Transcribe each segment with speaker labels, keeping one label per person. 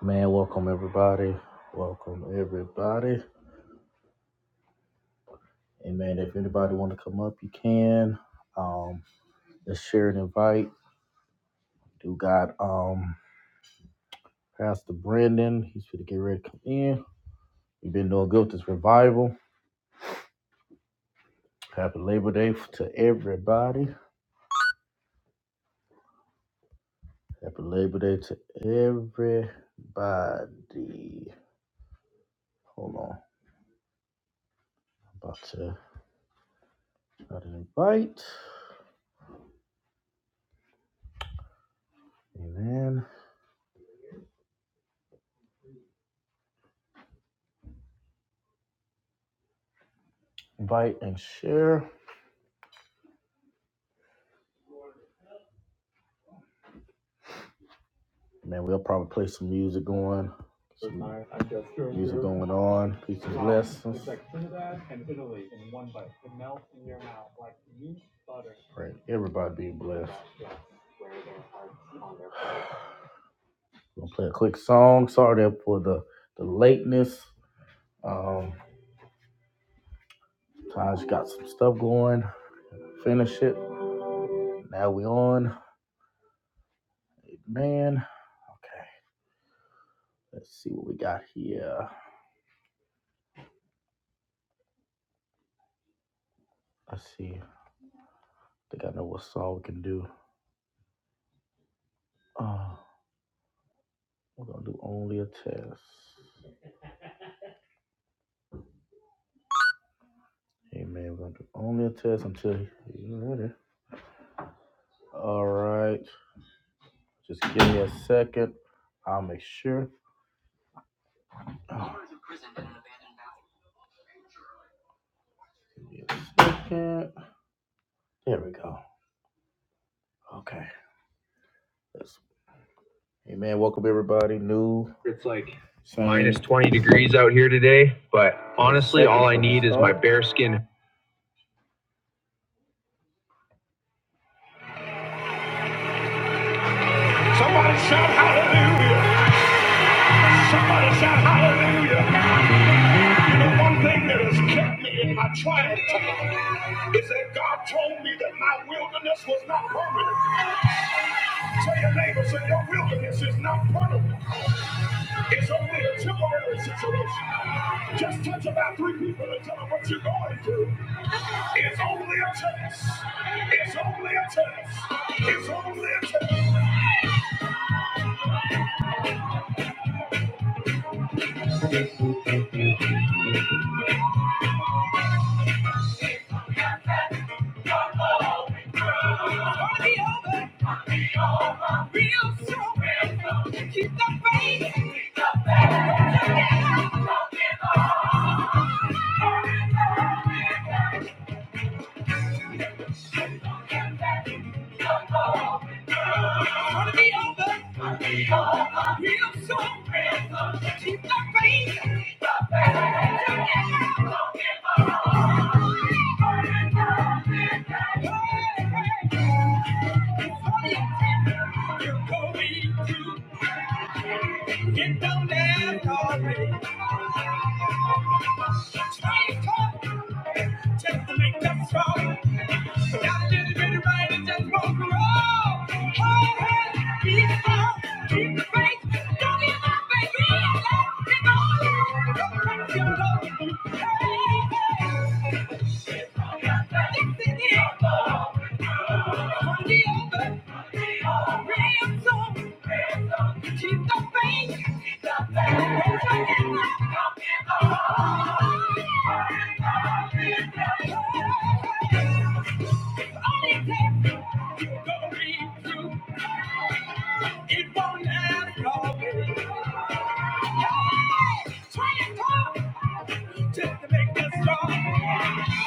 Speaker 1: Man, welcome everybody. Welcome everybody. And man, if anybody want to come up, you can. Um, us share and invite. Do got um Pastor Brandon. He's going to get ready to come in. We've been doing good with this revival. Happy Labor Day f- to everybody. Happy Labor Day to everybody. Hold on. I'm about to try to invite. Amen. Invite and share. Man, we'll probably play some music going. going on. Peace pray. Everybody be blessed. Gonna play a quick song. Sorry there for the the lateness. Um, Taj got some stuff going. Finish it. Now we on. Man, okay. Let's see what we got here. Let's see. I think I know what song we can do. Uh, we're gonna do only a test. Amen. we're gonna do only a test until you ready. All right. Just give me a second. I'll make sure. Oh, give me a second. There we go. Okay. That's, hey man, welcome everybody. New It's like same Minus 20 degrees out here today, but honestly, all I need is my start. bearskin. Somebody shout hallelujah. Somebody shout hallelujah. You know, one thing that has kept me in my trying time is that God told me that my wilderness was not permanent. Tell your neighbor, say your wilderness is not permanent. It's only a temporary situation. Just touch about three people and tell them what you're going through. It's only a test. It's only a test. It's only a test. God will be through. I'll over. be over. Real strong. Keep the faith. Keep the faith. Don't give up. Don't give up. Don't give up. Wanna be over? Wanna be over. Real soon. Real soon. Keep the faith. Keep the faith. Together. Don't give up. Burn Hey, hey. You're going to. Get down, not have to call Straight talk, just to make them strong. Got a little bit of rain and just won't grow. Hold her, be strong, keep the faith. Don't give up, baby. Let's get on. Don't let it go. Hey, hey. Thank you. go read through. It won't last long. Try and talk just to make us strong.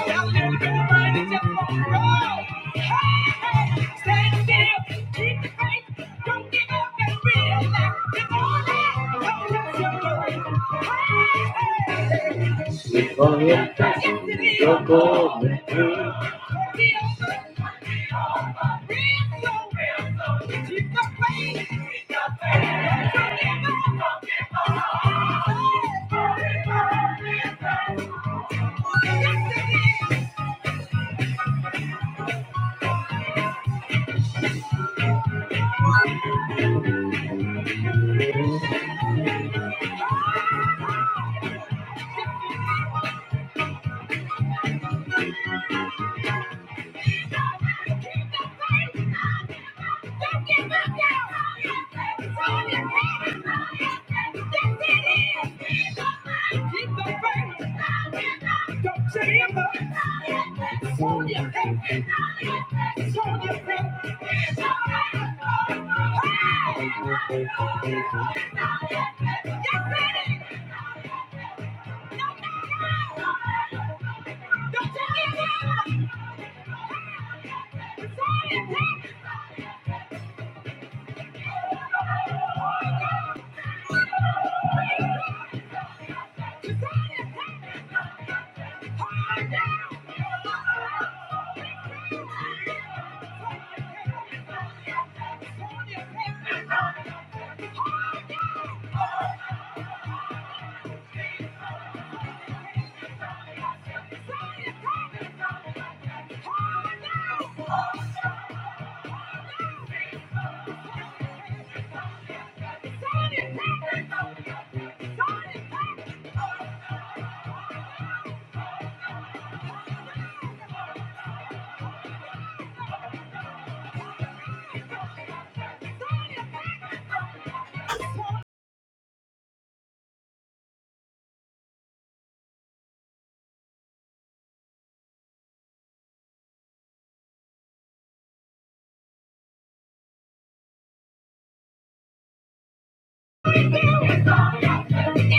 Speaker 1: That little bit of money just won't grow. Hey, hey, stand still, keep the faith, don't give up and realize it's all right. Don't let you go. Hey, hey, hey. If I had passed through the Thank you. Hey!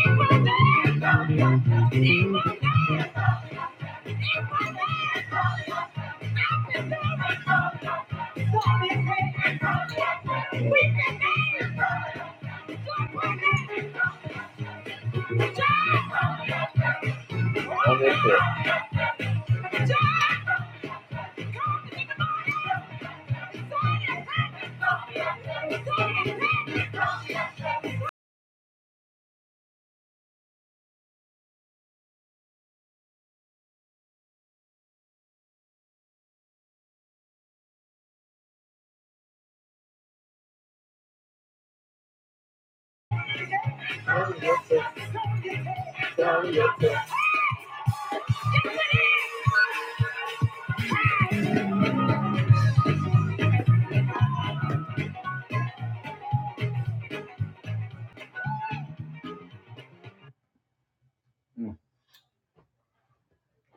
Speaker 1: Hard down! Thank you. Mm,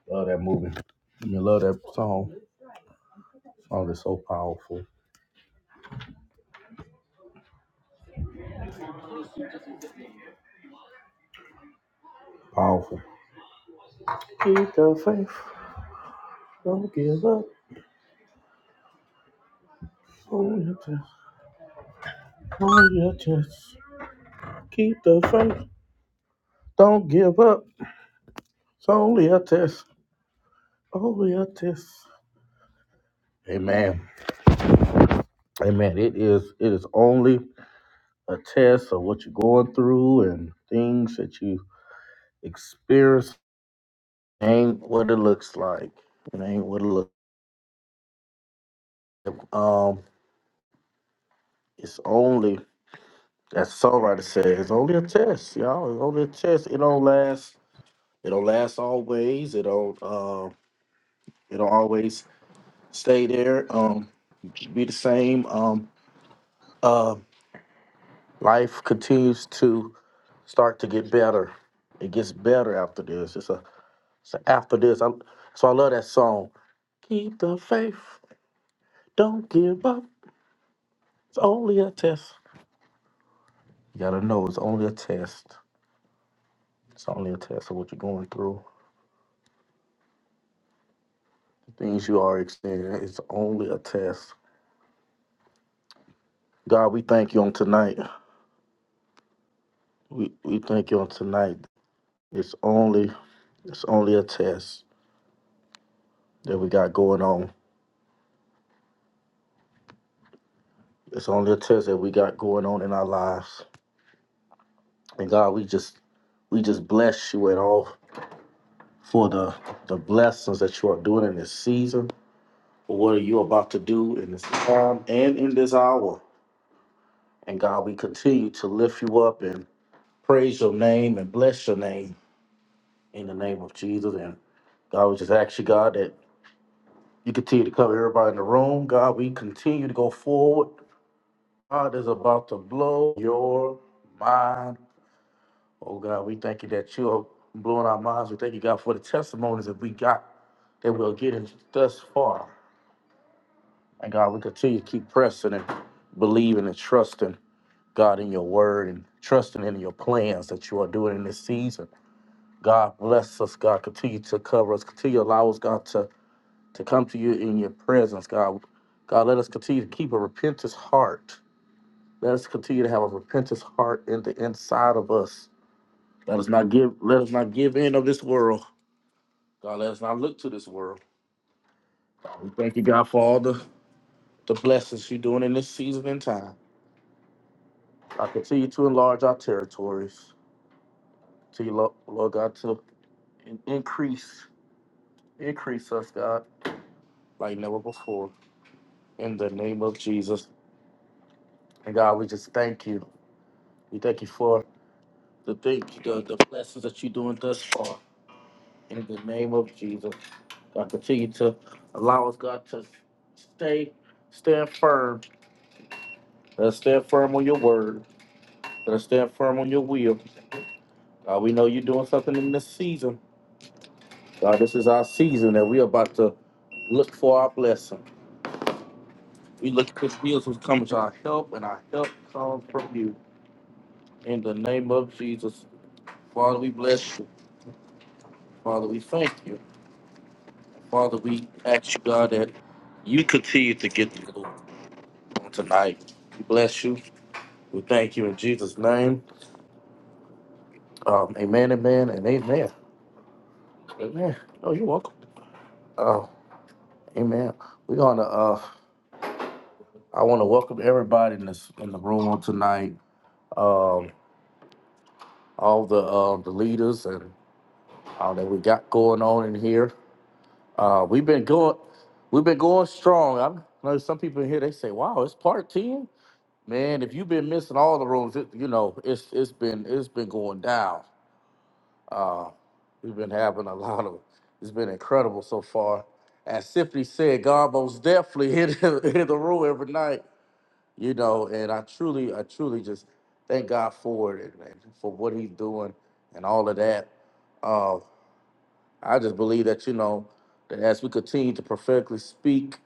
Speaker 1: Love that movie. I mean, love that song. Song is so powerful. Powerful. Keep the faith. Don't give up on your test. On your test. Keep the faith. Don't give up. It's only a test. Only a test. Amen. Amen. It is. It is only a test of what you're going through and things that you Experience ain't what it looks like. It ain't what it looks like. Um, it's only as the songwriter said, it's only a test, y'all. It's only a test. It don't last. It don't last always. It don't. Uh, it don't always stay there. Um, be the same. Um, uh, life continues to start to get better. It gets better after this. It's a. It's a after this. I, so I love that song. Keep the faith. Don't give up. It's only a test. You gotta know it's only a test. It's only a test of what you're going through. Things you are experiencing. It's only a test. God, we thank you on tonight. We we thank you on tonight. It's only it's only a test that we got going on. It's only a test that we got going on in our lives. And God, we just we just bless you at all for the the blessings that you are doing in this season. For what are you about to do in this time and in this hour? And God, we continue to lift you up and praise your name and bless your name in the name of Jesus. And God, we just ask you, God, that you continue to cover everybody in the room. God, we continue to go forward. God is about to blow your mind. Oh, God, we thank you that you are blowing our minds. We thank you, God, for the testimonies that we got that we'll get in thus far. And God, we continue to keep pressing and believing and trusting, God, in your word and trusting in your plans that you are doing in this season. God bless us, God. Continue to cover us. Continue to allow us, God, to, to come to you in your presence, God. God, let us continue to keep a repentant heart. Let us continue to have a repentant heart in the inside of us. Let us not give let us not give in of this world. God, let us not look to this world. We thank you, God, for all the, the blessings you're doing in this season and time. I continue to enlarge our territories. To Lord, Lord God, to in- increase, increase us, God, like never before. In the name of Jesus. And God, we just thank you. We thank you for the thing, the, the blessings that you're doing thus far. In the name of Jesus, God, continue to allow us, God, to stay, stand firm. Let us stand firm on your word. Let us stand firm on your will. God, we know you're doing something in this season. God, this is our season that we're about to look for our blessing. We look to the hills which comes our help, and our help comes from you. In the name of Jesus, Father, we bless you. Father, we thank you. Father, we ask you, God, that you continue to get the glory on tonight. We bless you. We thank you in Jesus' name. Um, amen, amen, and amen. Amen. Oh, you're welcome. Oh, amen. We're gonna uh I wanna welcome everybody in this in the room on tonight. Um all the um the leaders and all that we got going on in here. Uh we've been going we've been going strong. I know some people in here they say, Wow, it's part 10." Man, if you've been missing all the rooms, it, you know it's it's been it's been going down. Uh, we've been having a lot of. It's been incredible so far. As Symphony said, God most definitely hit the- hit the room every night. You know, and I truly, I truly just thank God for it and, and for what He's doing and all of that. Uh, I just believe that you know that as we continue to prophetically speak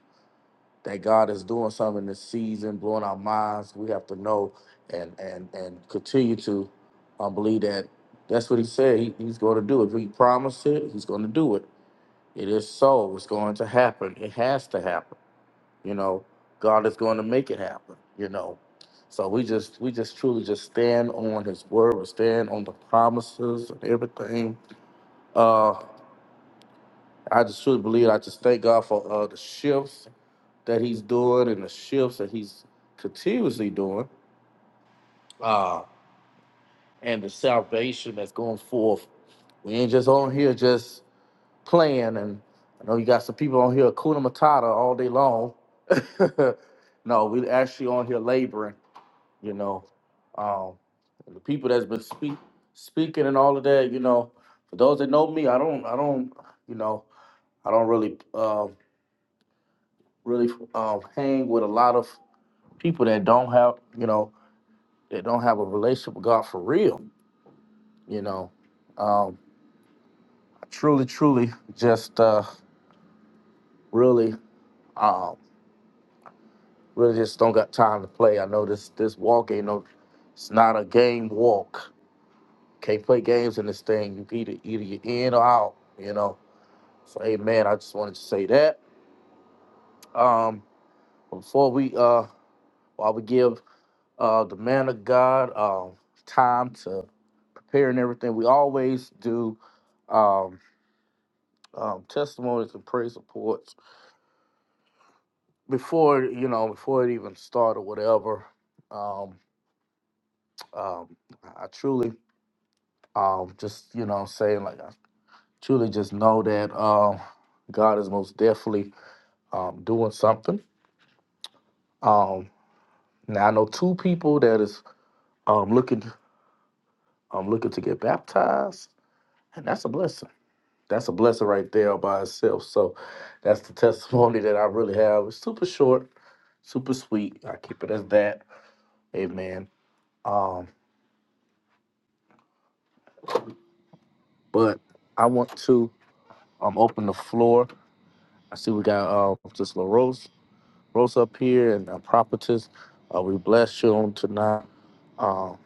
Speaker 1: that God is doing something in this season, blowing our minds. We have to know and and and continue to um, believe that that's what He said he, He's going to do. If He promised it, He's going to do it. It is so. It's going to happen. It has to happen. You know, God is going to make it happen. You know, so we just we just truly just stand on His word, or stand on the promises and everything. Uh, I just truly believe. I just thank God for uh, the shifts that he's doing and the shifts that he's continuously doing uh, and the salvation that's going forth. We ain't just on here just playing. And I know you got some people on here, Kuna Matata, all day long. no, we actually on here laboring, you know. Um, and the people that's been speak, speaking and all of that, you know, for those that know me, I don't, I don't, you know, I don't really, um, really um, hang with a lot of people that don't have, you know, that don't have a relationship with God for real. You know, um, I truly, truly, just uh, really, uh, really just don't got time to play. I know this this walk ain't no, it's not a game walk. Can't play games in this thing. You either either you in or out. You know. So, hey man, I just wanted to say that. Um, before we uh, while we give uh the man of God um time to prepare and everything, we always do. um, um, testimonies and praise reports before you know before it even started whatever um, um, i truly um, just you know saying like i truly just know that um, god is most definitely um, doing something um, now i know two people that is um, looking um, looking to get baptized and that's a blessing that's a blessing right there by itself so that's the testimony that i really have it's super short super sweet i keep it as that amen Um, but I want to um open the floor. I see we got uh just La Rose, Rose up here and uh, Prophetess. Uh, we bless you on tonight. Um,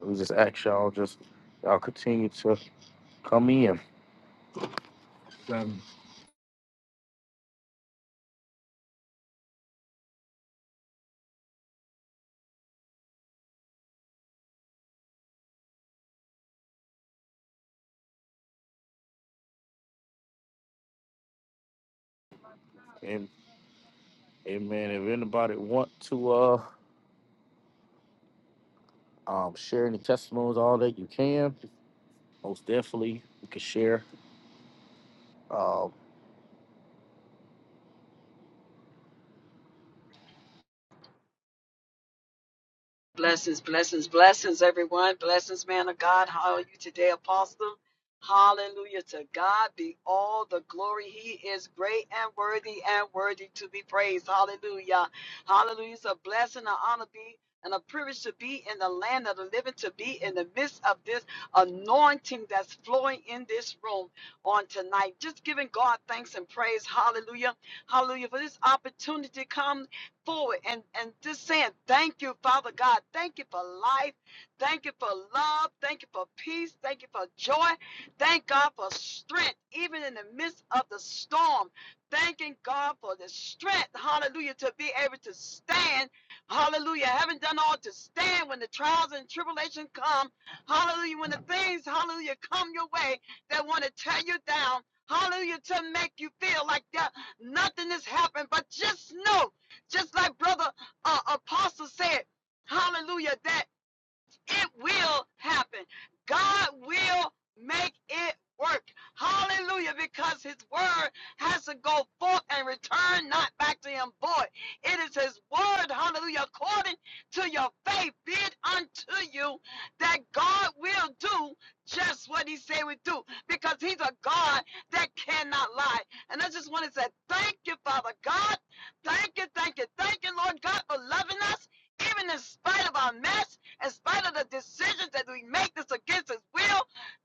Speaker 1: we just ask y'all just y'all continue to come in and amen. If anybody want to uh um share any testimonies, all that you can, most definitely you can share. Um,
Speaker 2: Blessings, blessings, blessings, everyone. Blessings, man of God. How are you today, Apostle? Hallelujah to God be all the glory. He is great and worthy and worthy to be praised. Hallelujah. Hallelujah. It's a blessing, an honor be, and a privilege to be in the land of the living, to be in the midst of this anointing that's flowing in this room on tonight. Just giving God thanks and praise. Hallelujah. Hallelujah. For this opportunity to come forward and, and just saying, Thank you, Father God. Thank you for life. Thank you for love. Thank you for peace. Thank you for joy. Thank God for strength, even in the midst of the storm. Thanking God for the strength, hallelujah, to be able to stand. Hallelujah. Having done all to stand when the trials and tribulation come. Hallelujah. When the things, hallelujah, come your way that want to tear you down. Hallelujah. To make you feel like that nothing has happened. But just know just like brother uh, apostle said, hallelujah, that it will happen. God will make it work. Hallelujah. Because his word has to go forth and return not back to him void. It is his word, hallelujah, according to your faith, be it unto you that God will do just what he said we do. Because he's a God that cannot lie. And I just want to say thank you, Father God. Thank you, thank you, thank you, Lord God, for loving us, even in spite of our mess in spite of the decisions that we make that's against his will.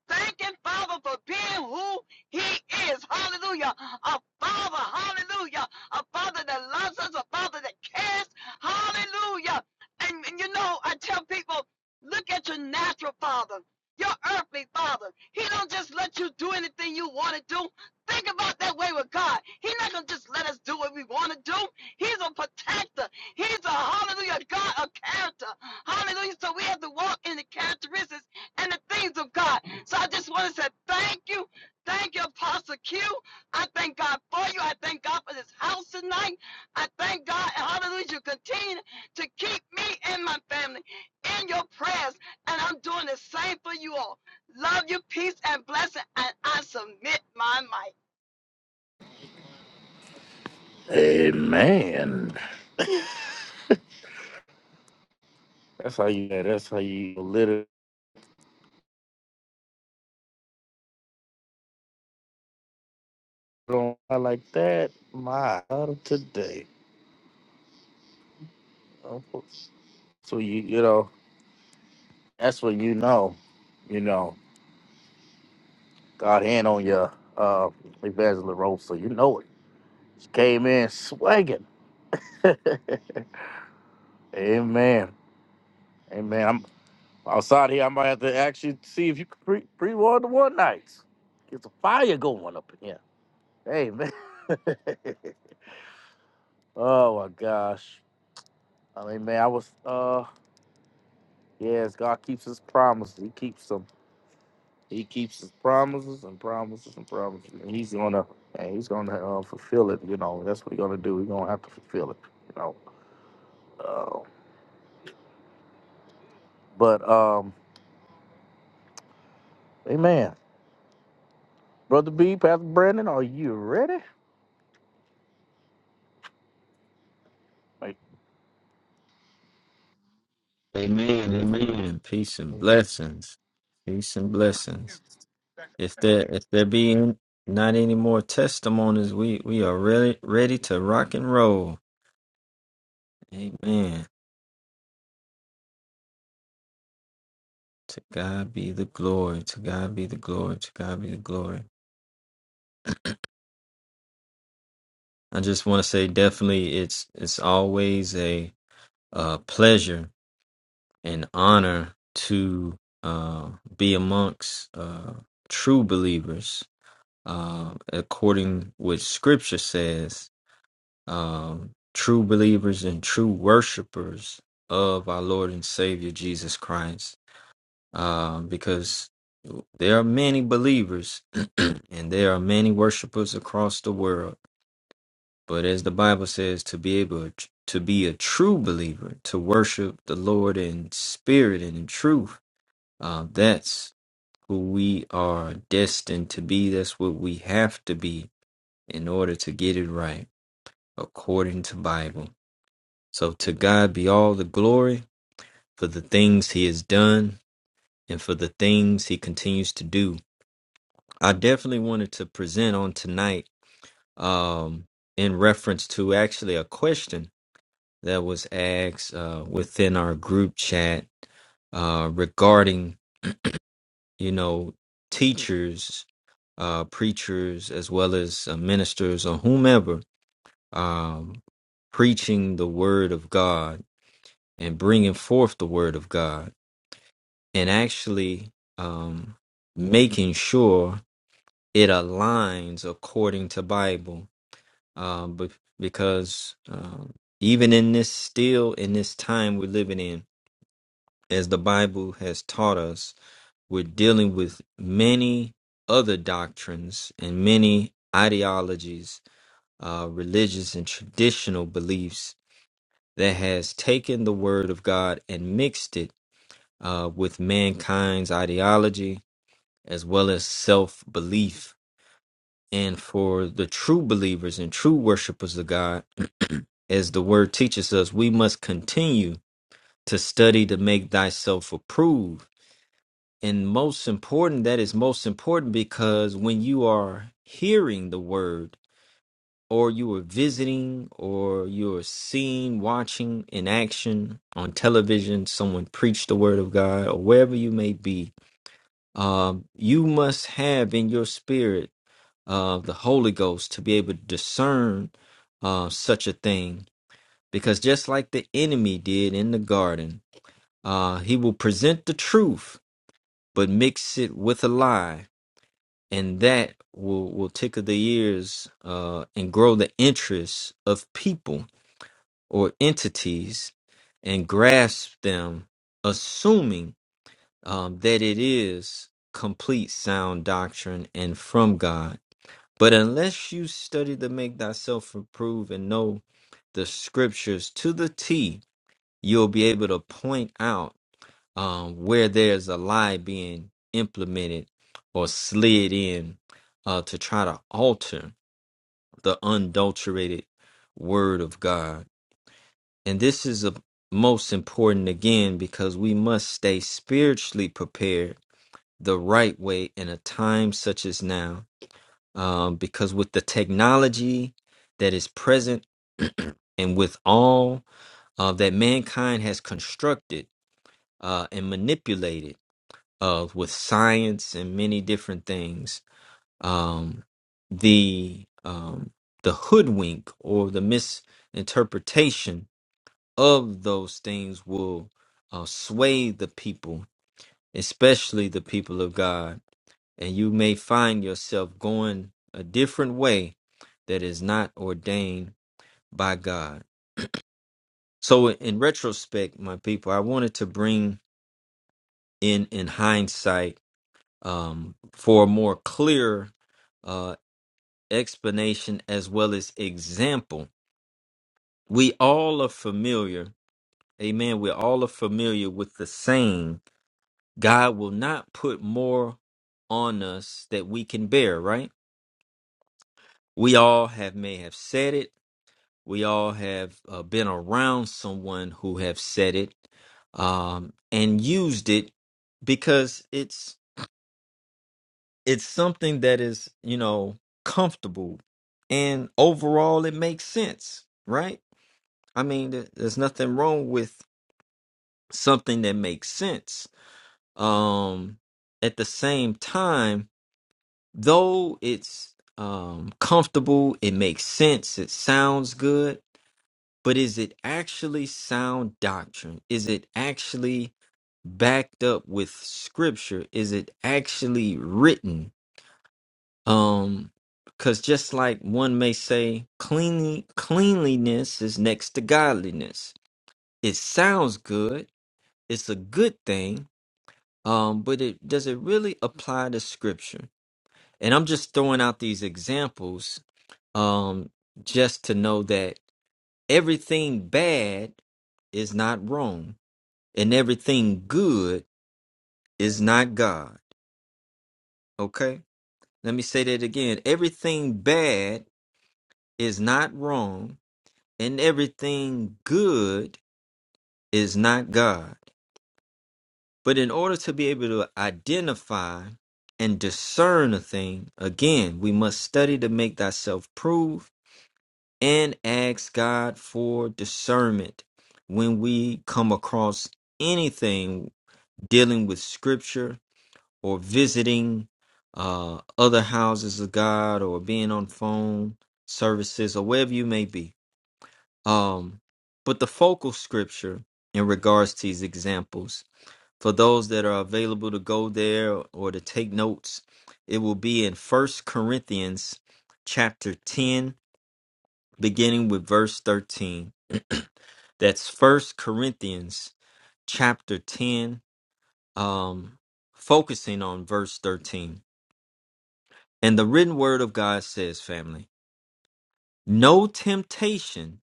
Speaker 2: Thanking Father for being who he is. Hallelujah. A father, hallelujah. A father that loves us, a father that cares. Hallelujah. And, and you know, I tell people, look at your natural father, your earthly father. He don't just let you do anything you want to do. Think about that way with God. He's not gonna just let us do what we want to do. He's a protector. He's a hallelujah God of character. Hallelujah. So we have to walk in the characteristics and the things of God. So I just want to say thank you. Thank you, Apostle Q. I thank God for you. I thank God for this house tonight. I thank God. Hallelujah. You continue to keep me and my family in your prayers. And I'm doing the same for you all. Love you, peace, and blessing. And I submit my might.
Speaker 1: amen. That's how you. That's how you literally don't like that. My God of today. So you you know that's when you know, you know, God hand on your uh evangelist role, so you know it. She came in swinging. Amen. Amen. I'm outside here. I might have to actually see if you can pre pre one the one nights. Get some fire going up in here. Amen. oh my gosh. I mean, man, I was uh yes. God keeps His promises. He keeps them. He keeps his promises and promises and promises, and he's gonna and he's gonna uh, fulfill it. You know, that's what we gonna do. we gonna have to fulfill it. You know, uh, but um, Amen, brother B, Pastor Brandon, are you ready? Like,
Speaker 3: Amen.
Speaker 1: yes.
Speaker 3: Amen. Peace and blessings. Peace and blessings. If there if there be n- not any more testimonies, we we are ready ready to rock and roll. Amen. To God be the glory. To God be the glory. To God be the glory. I just want to say definitely it's it's always a uh pleasure and honor to uh be amongst uh true believers uh according what scripture says um, true believers and true worshipers of our Lord and Savior Jesus Christ, um, because there are many believers and there are many worshipers across the world. But as the Bible says, to be able to be a true believer, to worship the Lord in spirit and in truth, uh, that's who we are destined to be. That's what we have to be in order to get it right, according to Bible. So to God be all the glory for the things he has done and for the things he continues to do. I definitely wanted to present on tonight um, in reference to actually a question that was asked uh, within our group chat uh, regarding, you know, teachers, uh, preachers, as well as uh, ministers or whomever um, preaching the word of God and bringing forth the word of God and actually um, making sure it aligns according to Bible. Um, but because um, even in this still in this time we're living in, as the Bible has taught us, we're dealing with many other doctrines and many ideologies, uh, religious and traditional beliefs that has taken the Word of God and mixed it uh, with mankind's ideology as well as self belief. And for the true believers and true worshipers of God, as the word teaches us, we must continue to study to make thyself approved. And most important, that is most important because when you are hearing the word, or you are visiting, or you are seeing, watching in action on television, someone preach the word of God, or wherever you may be, um, you must have in your spirit of the Holy Ghost to be able to discern uh, such a thing. Because just like the enemy did in the garden, uh, he will present the truth, but mix it with a lie. And that will, will tickle the ears uh, and grow the interest of people or entities and grasp them, assuming um, that it is complete sound doctrine and from God But unless you study to make thyself improve and know the scriptures to the T, you'll be able to point out um, where there's a lie being implemented or slid in uh, to try to alter the unadulterated word of God. And this is a most important again because we must stay spiritually prepared the right way in a time such as now um, because with the technology that is present and with all uh, that mankind has constructed uh, and manipulated uh, with science and many different things, um, the um, the hoodwink or the misinterpretation of those things will uh, sway the people, especially the people of God and you may find yourself going a different way that is not ordained by God. So, in retrospect, my people, I wanted to bring in, in hindsight, um, for a more clear uh, explanation as well as example. We all are familiar, amen. We all are familiar with the saying, God will not put more on us that we can bear, right? We all have may have said it We all have uh, been around someone who have said it um, and used it because it's it's something that is you know comfortable and overall it makes sense, right? I mean, there- there's nothing wrong with something that makes sense. Um, at the same time, though it's um, comfortable, it makes sense, it sounds good but is it actually sound doctrine? Is it actually backed up with scripture? Is it actually written? Um, because just like one may say, cleanly, cleanliness is next to godliness. It sounds good. It's a good thing. Um, but it does it really apply to scripture? And I'm just throwing out these examples, um, just to know that everything bad is not wrong and everything good is not God. Okay? Let me say that again. Everything bad is not wrong, and everything good is not God. But in order to be able to identify and discern a thing, again, we must study to make thyself prove and ask God for discernment when we come across anything dealing with scripture or visiting uh, other houses of God or being on phone services or wherever you may be. Um, but the focal scripture in regards to these examples, for those that are available to go there or to take notes, it will be in First Corinthians chapter 10, beginning with verse 13. That's First Corinthians chapter 10, um, focusing on verse 13. And the written word of God says, family, no temptation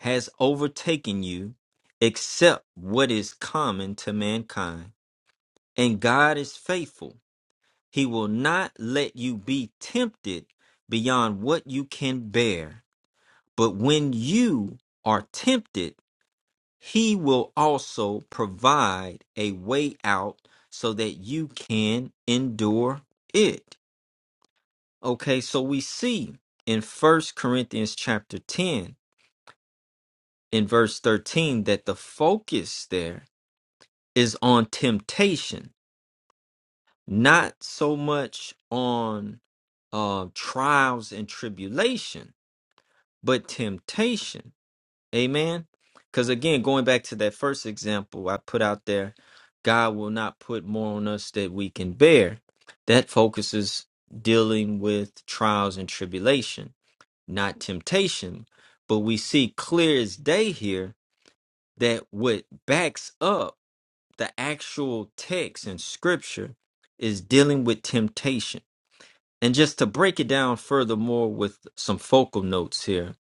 Speaker 3: has overtaken you except what is common to mankind. And God is faithful. He will not let you be tempted beyond what you can bear. But when you are tempted, He will also provide a way out so that you can endure it. Okay, so we see in First Corinthians chapter 10 in verse 13 that the focus there is on temptation, not so much on uh, trials and tribulation, but temptation. Amen. Because again, going back to that first example I put out there, God will not put more on us that we can bear. That focuses dealing with trials and tribulation not temptation. But we see clear as day here that what backs up the actual text in scripture is dealing with temptation. And just to break it down furthermore with some focal notes here,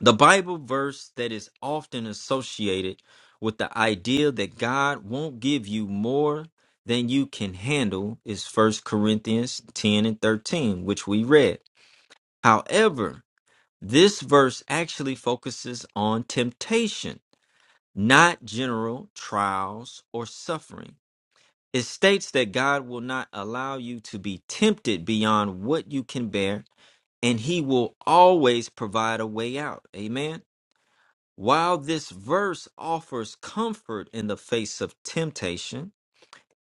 Speaker 3: the Bible verse that is often associated with the idea that God won't give you more than you can handle is First Corinthians 10 and 13, which we read. However, This verse actually focuses on temptation, not general trials or suffering. It states that God will not allow you to be tempted beyond what you can bear, and He will always provide a way out. Amen. While this verse offers comfort in the face of temptation,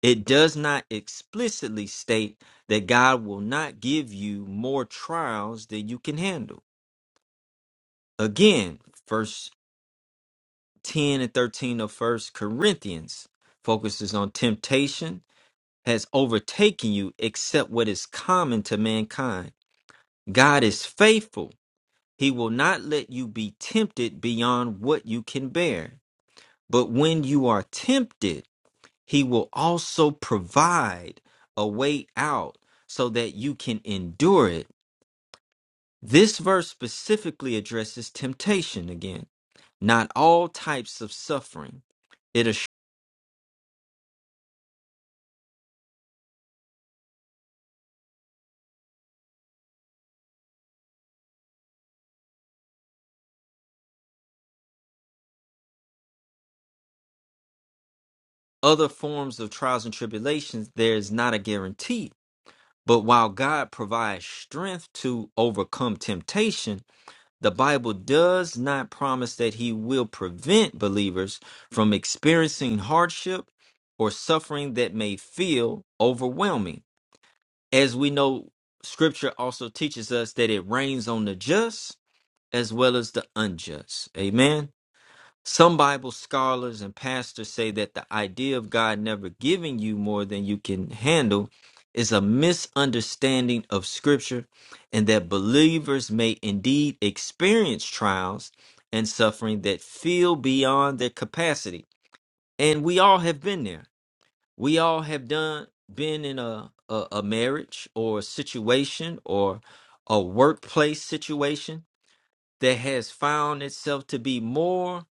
Speaker 3: it does not explicitly state that God will not give you more trials than you can handle. Again, 1 10 and 13 of First Corinthians focuses on temptation has overtaken you except what is common to mankind. God is faithful. He will not let you be tempted beyond what you can bear. But when you are tempted, he will also provide a way out so that you can endure it. This verse specifically addresses temptation again, not all types of suffering. other forms of trials and tribulations, there is not a guarantee. But while God provides strength to overcome temptation, the Bible does not promise that He will prevent believers from experiencing hardship or suffering that may feel overwhelming. As we know, Scripture also teaches us that it rains on the just as well as the unjust. Amen. Some Bible scholars and pastors say that the idea of God never giving you more than you can handle is a misunderstanding of Scripture, and that believers may indeed experience trials and suffering that feel beyond their capacity. And we all have been there. We all have done been in a a, a marriage or a situation or a workplace situation that has found itself to be more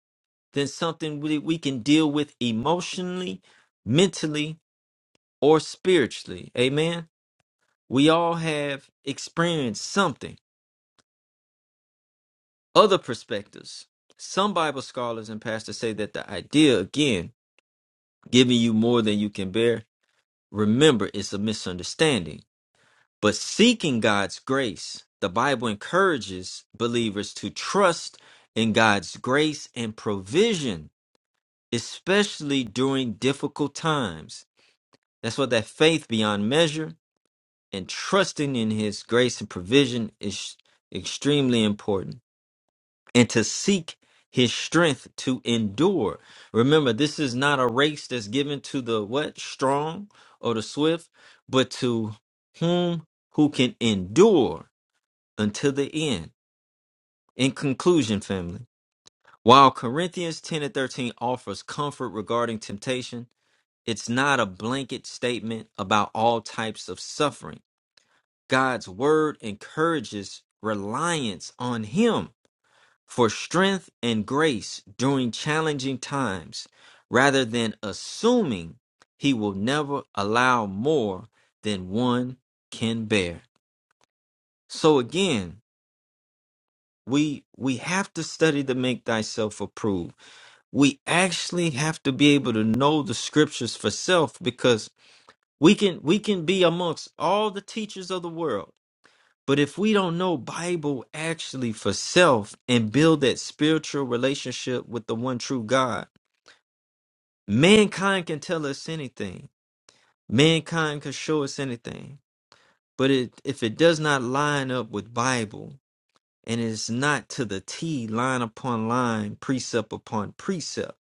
Speaker 3: than something we, we can deal with emotionally, mentally, or spiritually. Amen. We all have experienced something, other perspectives. Some Bible scholars and pastors say that the idea, again, giving you more than you can bear, remember, it's a misunderstanding. But seeking God's grace, the Bible encourages believers to trust in God's grace and provision, especially during difficult times. That's what that faith beyond measure and trusting in his grace and provision is extremely important. And to seek his strength to endure. Remember, this is not a race that's given to the what? Strong or the swift, but to whom who can endure until the end. In conclusion, family, while Corinthians 10 and 13 offers comfort regarding temptation, it's not a blanket statement about all types of suffering God's word encourages reliance on Him for strength and grace during challenging times rather than assuming He will never allow more than one can bear. So again, we we have to study to make thyself approved. We actually have to be able to know the scriptures for self because we can we can be amongst all the teachers of the world But if we don't know Bible actually for self and build that spiritual relationship with the one true God, mankind can tell us anything. Mankind can show us anything. But it, if it does not line up with Bible and it's not to the T, line upon line, precept upon precept,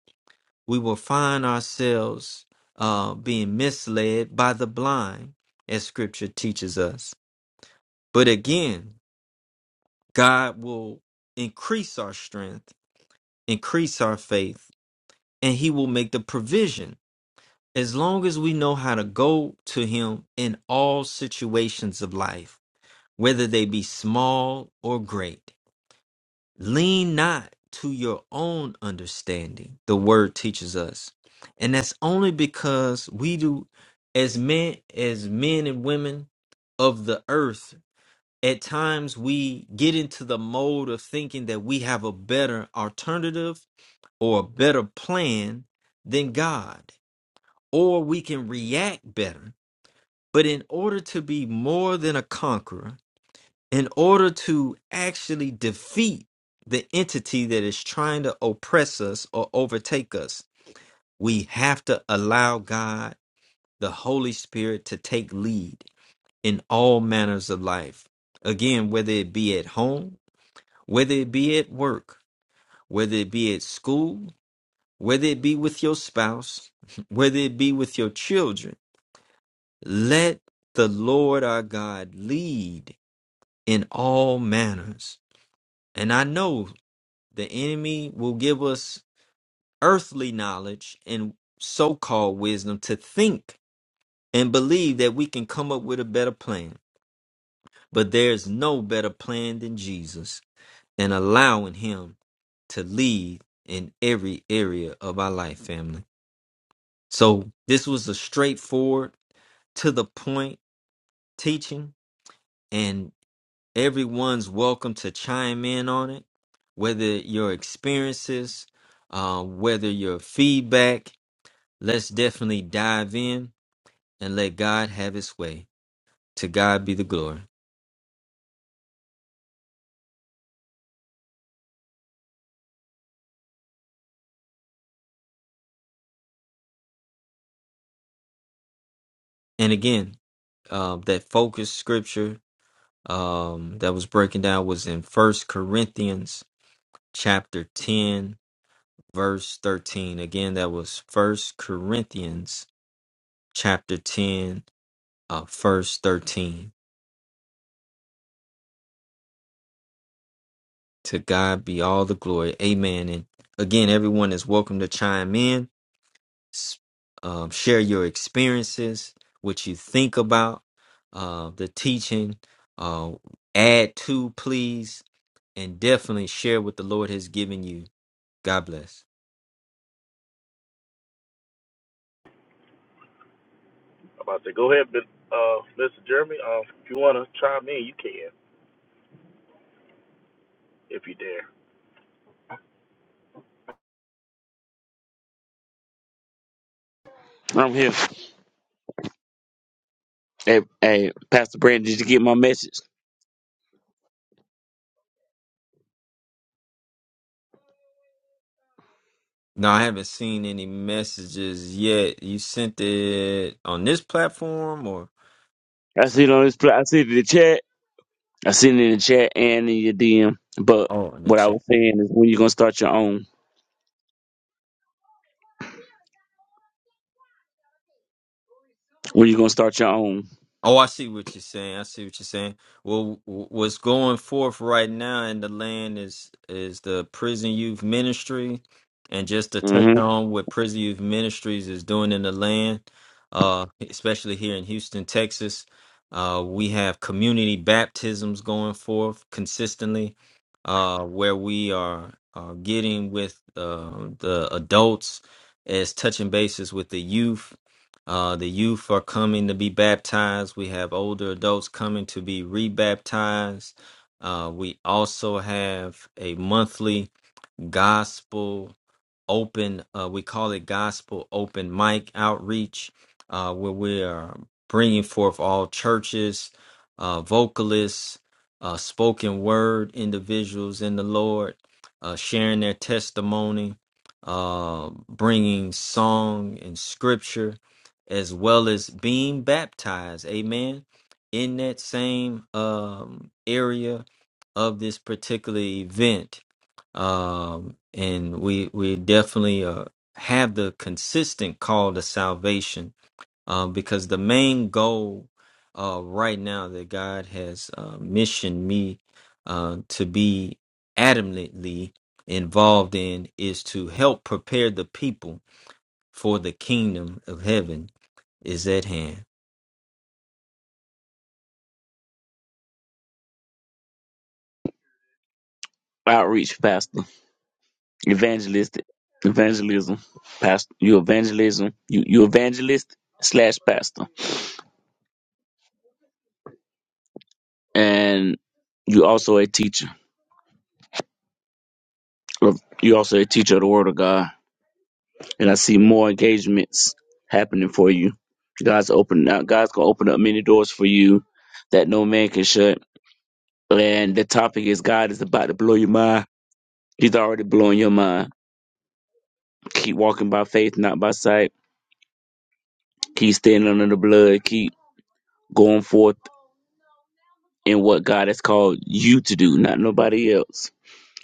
Speaker 3: we will find ourselves uh, being misled by the blind, as Scripture teaches us. But again, God will increase our strength increase our faith, and He will make the provision as long as we know how to go to Him in all situations of life, whether they be small or great. Lean not to your own understanding, the Word teaches us. And that's only because we do, as men, as men and women of the earth, at times we get into the mode of thinking that we have a better alternative or a better plan than God, or we can react better. But in order to be more than a conqueror, in order to actually defeat the entity that is trying to oppress us or overtake us, we have to allow God, the Holy Spirit, to take lead in all manners of life. Again, whether it be at home, whether it be at work, whether it be at school, whether it be with your spouse, whether it be with your children, let the Lord our God lead in all manners. And I know the enemy will give us earthly knowledge and so called wisdom to think and believe that we can come up with a better plan. But there's no better plan than Jesus and allowing him to lead in every area of our life, family. So this was a straightforward to the point teaching, and everyone's welcome to chime in on it, whether your experiences, uh, whether your feedback. Let's definitely dive in and let God have his way. To God be the glory. And again, uh, that focus scripture um, that was breaking down was in First Corinthians chapter 10, verse 13. Again, that was First Corinthians chapter 10 uh, verse 13. To God be all the glory. Amen. And again, everyone is welcome to chime in, s- um, share your experiences, what you think about uh, the teaching, uh, add to, please, and definitely share what the Lord has given you. God bless.
Speaker 4: I'm here. Hey, hey, Pastor Brandon, did you get my message?
Speaker 3: No, I haven't seen any messages yet. You sent it on this platform or?
Speaker 4: I
Speaker 3: is
Speaker 4: see
Speaker 3: that-
Speaker 4: it on this. pla- I see it in the chat. I seen it in the chat and in your DM. But
Speaker 3: Oh, in the
Speaker 4: what I
Speaker 3: chat.
Speaker 4: was saying is, when you gonna start your own? When you gonna start your own
Speaker 3: Oh, I see what you're saying. I see what you're saying. Well, w- what's going forth right now in the land is is the prison youth ministry, and just to touch
Speaker 4: hmm
Speaker 3: on what prison youth ministries is doing in the land, uh, especially here in Houston, Texas, uh, we have community baptisms going forth consistently, uh, where we are uh, getting with uh, the adults as touching bases with the youth uh, the youth are coming to be baptized. We have older adults coming to be rebaptized. Uh, we also have a monthly gospel open uh, we call it gospel open mic outreach uh, where we are bringing forth all churches uh, vocalists uh, spoken word individuals in the lord uh, sharing their testimony uh, bringing song and scripture as well as being baptized amen in that same um, area of this particular event um, and we we definitely uh, have the consistent call to salvation um, because the main goal uh, right now that God has uh, missioned me uh, to be adamantly involved in is to help prepare the people for the kingdom of heaven is at hand.
Speaker 4: outreach, Pastor, evangelistic, evangelism, Pastor, you evangelism, you you evangelist slash pastor, and you also a teacher. You also a teacher of the Word of God. and I see more engagements happening for you. God's open. up. God's gonna open up many doors for you that no man can shut. And the topic is God is about to blow your mind. He's already blowing your mind. Keep walking by faith, not by sight. Keep standing under the blood. Keep going forth in what God has called you to do, not nobody else.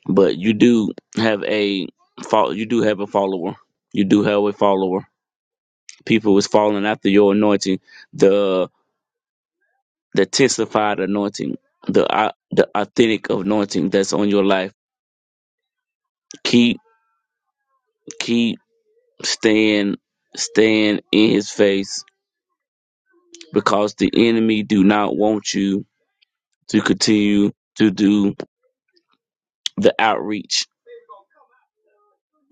Speaker 4: But you do have a fol- You do have a follower. You do have a follower. People is following after your anointing. The the testified anointing, the au- the authentic anointing that's on your life. Keep keep staying staying in His face because the enemy do not want you to continue to do the outreach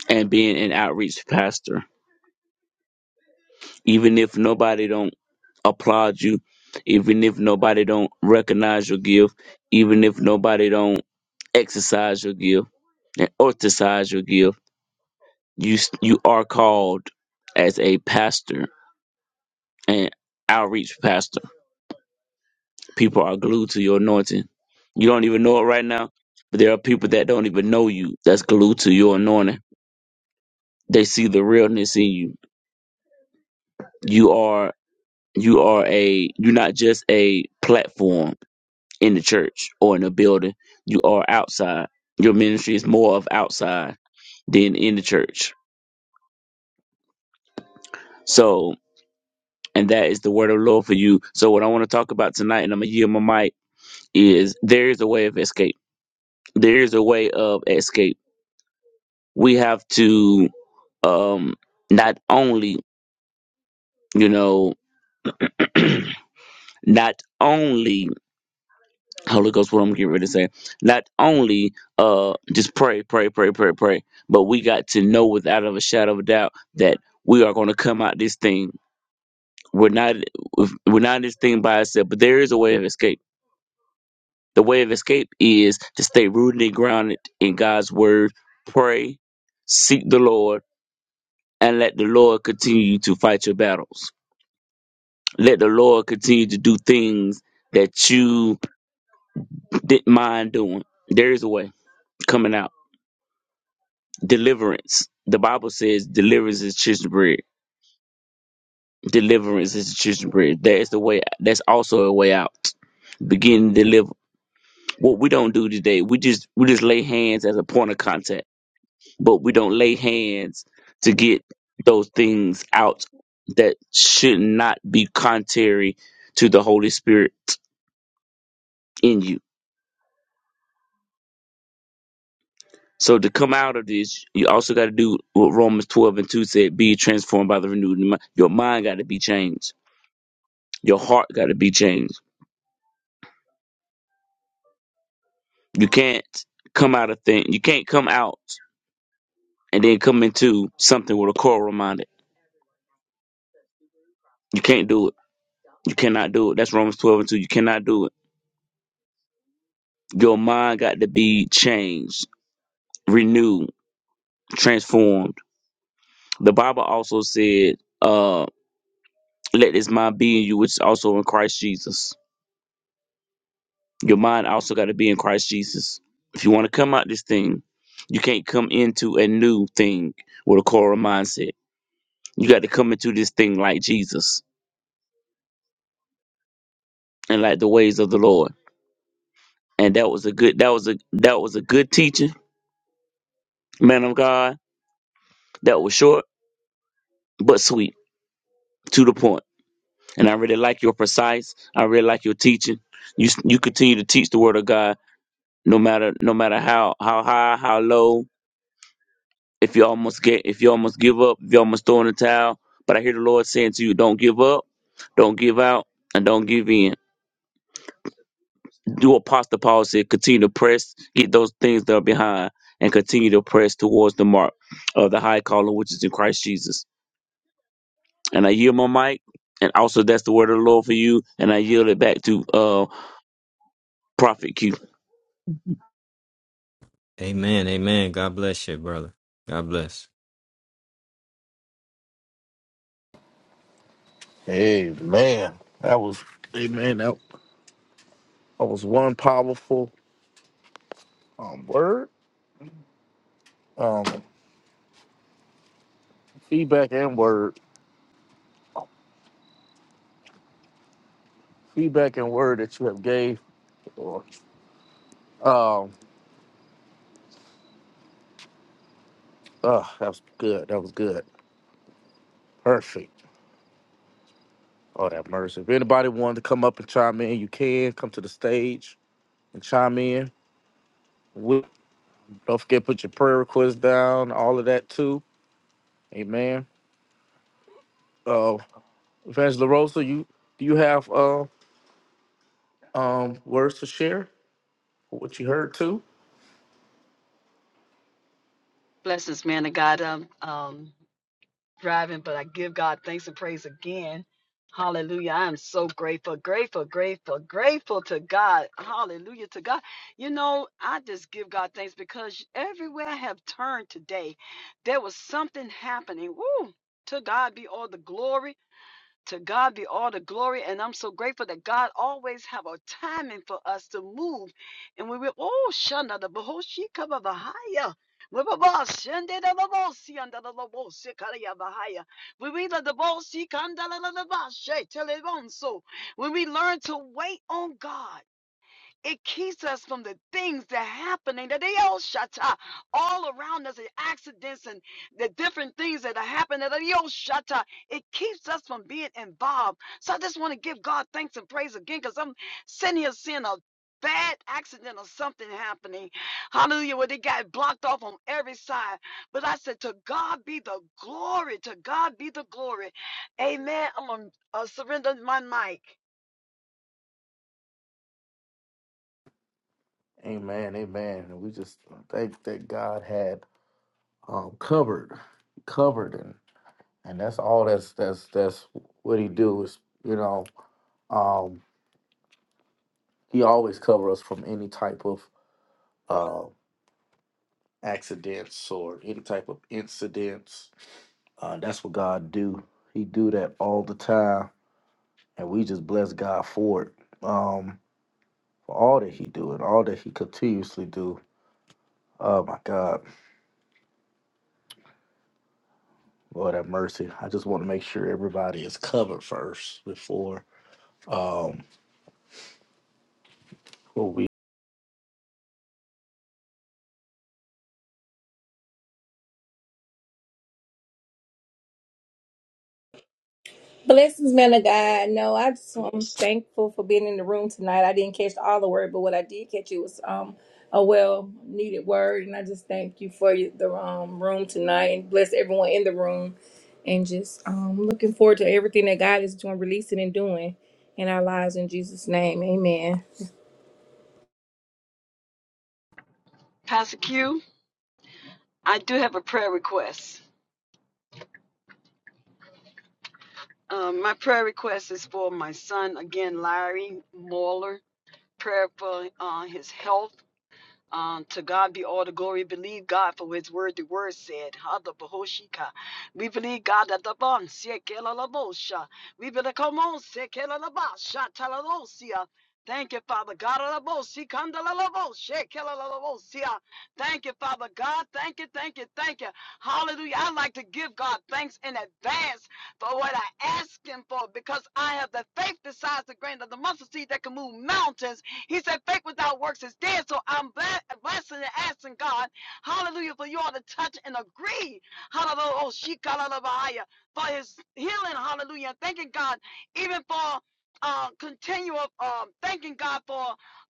Speaker 4: and being an outreach pastor, even if nobody don't applaud you, even if nobody don't recognize your gift, even if nobody don't exercise your gift and orthesize your gift You s- you are called as a pastor and outreach pastor. People are glued to your anointing. You don't even know it right now, but there are people that don't even know you that's glued to your anointing. They see the realness in you. You are you are a you're not just a platform in the church or in a building. You are outside. Your ministry is more of outside than in the church. So and that is the word of the Lord for you. So what I want to talk about tonight, and I'm gonna yield my mic is there is a way of escape. There is a way of escape. We have to um not only, you know, not only Holy Ghost, what I'm getting ready to say, not only uh just pray, pray, pray, pray, pray, but we got to know without of a shadow of a doubt that we are gonna come out this thing. We're not we're not in this thing by ourselves, but there is a way of escape. The way of escape is to stay rooted and grounded in God's word, pray, seek the Lord and let the Lord continue to fight your battles. Let the Lord continue to do things that you didn't mind doing. There is a way coming out. Deliverance. The Bible says deliverance is children's bread. Deliverance is children's bread. That is the way. That's also a way out. Begin to deliver. What we don't do today, we just we just lay hands as a point of contact but we don't lay hands to get those things out that should not be contrary to the Holy Spirit in you. So to come out of this, you also got to do what Romans 12 and 2 said, be transformed by the renewed mind. Your mind got to be changed. Your heart got to be changed. You can't come out of thing. You can't come out and then come into something with a coral minded. You can't do it. You cannot do it. That's Romans 12 and 2. You cannot do it. Your mind got to be changed renewed, transformed. The Bible also said, uh, let this mind be in you, which is also in Christ Jesus. Your mind also got to be in Christ Jesus. If you want to come out this thing, you can't come into a new thing with a coral mindset. You got to come into this thing like Jesus and like the ways of the Lord. And that was a good that was a that was a good teaching, man of God. That was short but sweet, to the point. And I really like your precise. I really like your teaching. You you continue to teach the word of God no matter no matter how how high how low if you almost get if you almost give up if you almost throw in the towel but i hear the lord saying to you don't give up don't give out and don't give in do what apostle paul said continue to press get those things that are behind and continue to press towards the mark of the high calling which is in christ jesus and i yield my mic and also that's the word of the lord for you and i yield it back to uh prophet q
Speaker 3: Amen. Amen. God bless you, brother. God bless.
Speaker 1: Hey man, that was Amen. That, that was one powerful um, word, um, feedback and word, feedback and word that you have gave. Or, um, uh, that was good. That was good. Perfect. Oh, have mercy. If anybody wanted to come up and chime in, you can come to the stage and chime in. We, don't forget to put your prayer requests down, all of that too. Amen. Uh, Evangelist Rosa, you do you have uh um words to share? What you heard too?
Speaker 2: Bless this man of God. Um, um, driving, but I give God thanks and praise again. Hallelujah. I am so grateful, grateful, grateful, grateful to God. Hallelujah to God. You know, I just give God thanks because everywhere I have turned today, there was something happening. Woo! To God be all the glory. To God be all the glory. And I'm so grateful that God always have a timing for us to move. And we will, oh, shanda the behoshi kaba bahaya. We will boss, shende the babosi under the babosi kaya bahaya. We read the babosi kanda la la la ba she tele bonso. When we learn to wait on God. It keeps us from the things that are happening that they all shut up all around us, the accidents and the different things that are happening that they all shut up. It keeps us from being involved. So I just want to give God thanks and praise again because I'm sitting here seeing a bad accident or something happening. Hallelujah. Where they got blocked off on every side. But I said, To God be the glory. To God be the glory. Amen. I'm going to uh, surrender my mic.
Speaker 1: Amen. Amen. And we just thank that God had um covered, covered, and and that's all. That's that's that's what He do is you know um He always cover us from any type of accidents or any type of incidents. Uh, that's what God do. He do that all the time, and we just bless God for it. Um, for all that He do and all that He continuously do. Oh my God, Lord have mercy. I just want to make sure everybody is covered first before um what we.
Speaker 5: Blessings, man of God. No, I just i am thankful for being in the room tonight. I didn't catch all the word, but what I did catch it was um a well needed word, and I just thank you for your- the um room tonight and bless everyone in the room, and just um looking forward to everything that God is doing, releasing, and doing in our lives in Jesus' name. Amen.
Speaker 2: Pastor Q, I do have a prayer request. Um, my prayer request is for my son again, Larry Moeller. Prayer for uh, his health. Um, to God be all the glory. Believe God for his word. The word said, Hada Bahoshika. We believe God that the bomb, Sekelalabosha. We believe, come on, Sekelalabasha, Talalosia. Thank you, Father God. Alabosi, Kandalalabosha, Kelalalabosia. Thank you, Father God. Thank you, thank you, thank you. Hallelujah. I like to give God thanks in advance for what I ask Him for because I have the faith besides the grain of the mustard seed that can move mountains he said, faith without works is dead. So I'm blessing and asking God, hallelujah, for you all to touch and agree, hallelujah, oh, shikalalabahaya, for his healing, hallelujah. And thanking God, even for uh, continual, um, thanking God for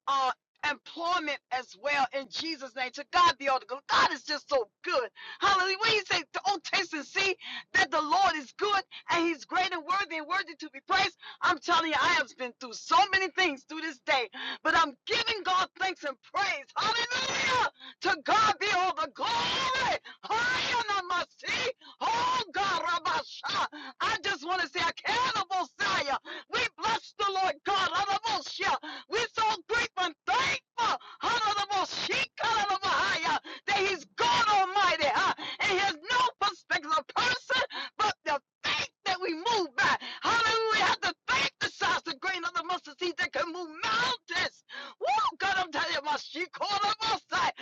Speaker 2: uh, employment as well in Jesus' name. To God be all the glory. God is just so good. Hallelujah. When you say, oh, taste and see that the Lord is good and he's great and worthy and worthy to be praised, I'm telling you, I have been through so many things through this day. But I'm giving God thanks and praise. Hallelujah! To God be all the glory. Hallelujah! Oh God, Rabasha. I just want to say, Akanabosaya. We bless the Lord God. Rabasha. We're so grateful and thankful. Rabashika, That He's God Almighty. huh? And He has no perspective of person but the faith that we move by. Hallelujah. I Have the faith the size the grain of the mustard seed that can move mountains. Woo, God, I'm telling you, my sheep called up outside.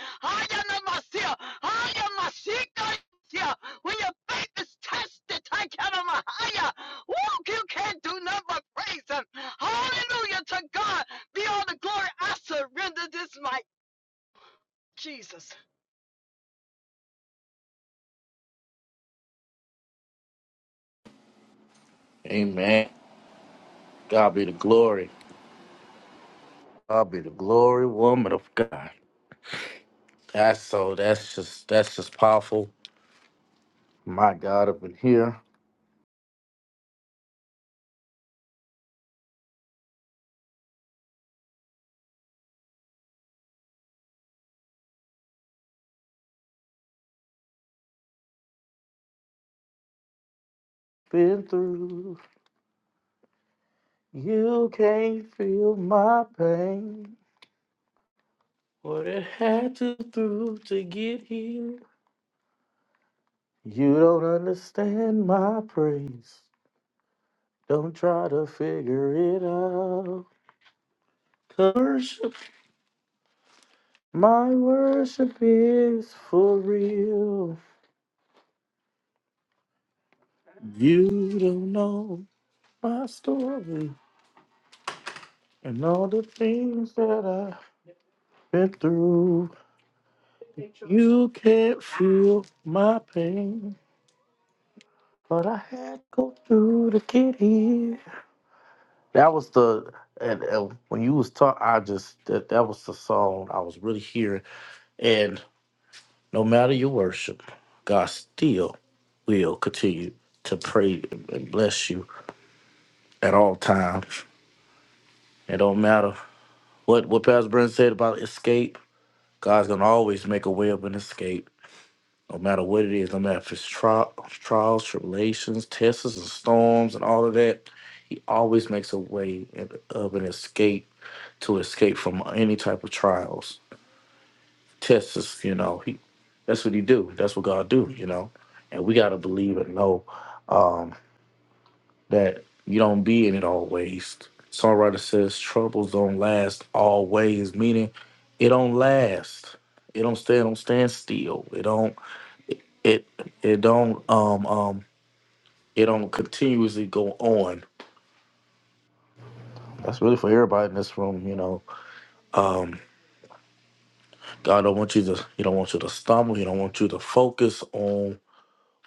Speaker 2: When your faith is tested, I count my higher. Woo, you can't do nothing but praise him. Hallelujah to God. Be all the glory. I surrender this mic. Jesus.
Speaker 1: Amen. God be the glory. God be the glory, woman of God. That's so. That's just that's just powerful. My God, up in here, been through. You can't feel my pain. What I had to through to get here. You don't understand my praise. Don't try to figure it out. 'Cause Worship, my worship is for real. You don't know my story and all the things that I've been through. You can't feel my pain. But I had to go through to get here. That was the and, and when you was talking, I just that that was the song I was really hearing. And no matter your worship, God still will continue to pray and bless you at all times. It don't matter what what Pastor Brent said about escape. God's gonna always make a way of an escape. no matter what it is, no matter if it's tri- trials, tribulations, tests, and storms, and all of that, he always makes a way and- of an escape to escape from any type of trials, tests. is, You know, he that's what he do. That's what God do. You know, and we gotta believe and know um, that you don't be in it always. Songwriter says troubles don't last always, meaning it don't last. It don't stand, don't stand still. It don't. It it don't um um it don't continuously go on. That's really for everybody in this room, you know. Um, God don't want you to he don't want you to stumble. He don't want you to focus on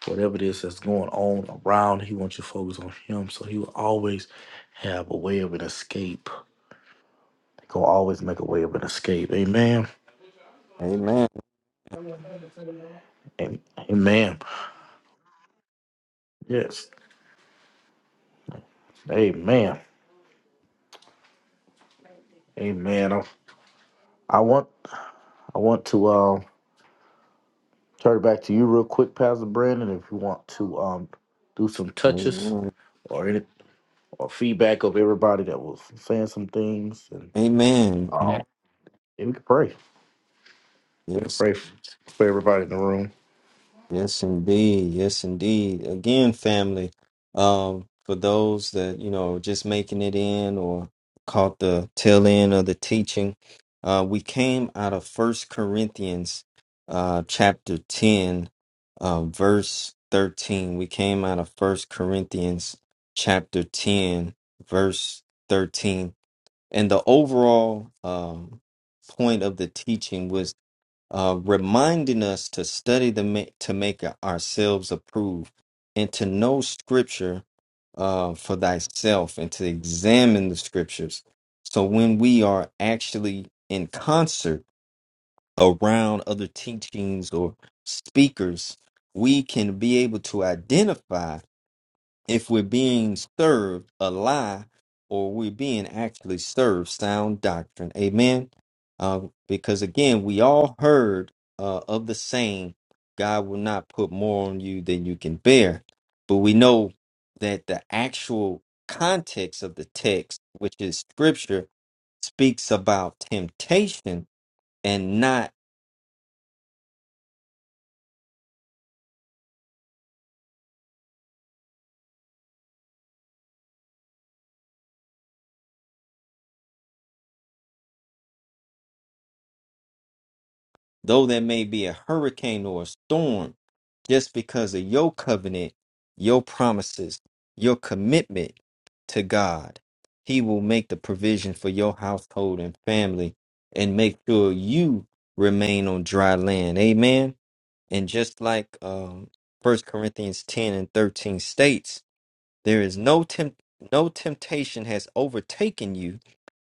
Speaker 1: whatever it is that's going on around. He wants you to focus on him. So he will always have a way of an escape. He gonna always make a way of an escape. Amen.
Speaker 3: Amen.
Speaker 1: And amen. Yes. Amen. Amen. I, I want I want to. uh, Turn it back to you real quick, Pastor Brandon, if you want to um do some touches
Speaker 3: Amen.
Speaker 1: or any or feedback of everybody that was saying some things, and
Speaker 3: Amen.
Speaker 1: um, and we could pray. We could
Speaker 3: Yes,
Speaker 1: pray for, for everybody in the room.
Speaker 3: Yes, indeed. Yes, indeed. Again, family, um, for those that, you know, just making it in or caught the tail end of the teaching, uh, we came out of First Corinthians uh, chapter 10, uh, verse 13. We came out of First Corinthians chapter 10, verse 13. And the overall um, point of the teaching was uh, reminding us to study the ma- to make ourselves approved and to know scripture uh, for thyself and to examine the scriptures. So when we are actually in concert around other teachings or speakers, we can be able to identify if we're being served a lie or we're being actually served sound doctrine. Amen. Uh, because again, we all heard uh, of the saying, God will not put more on you than you can bear. But we know that the actual context of the text, which is scripture, speaks about temptation and not though there may be a hurricane or a storm, just because of your covenant, your promises, your commitment to God, He will make the provision for your household and family and make sure you remain on dry land. Amen. And just like um, 1 Corinthians 10 and 13 states, there is no temp- no temptation has overtaken you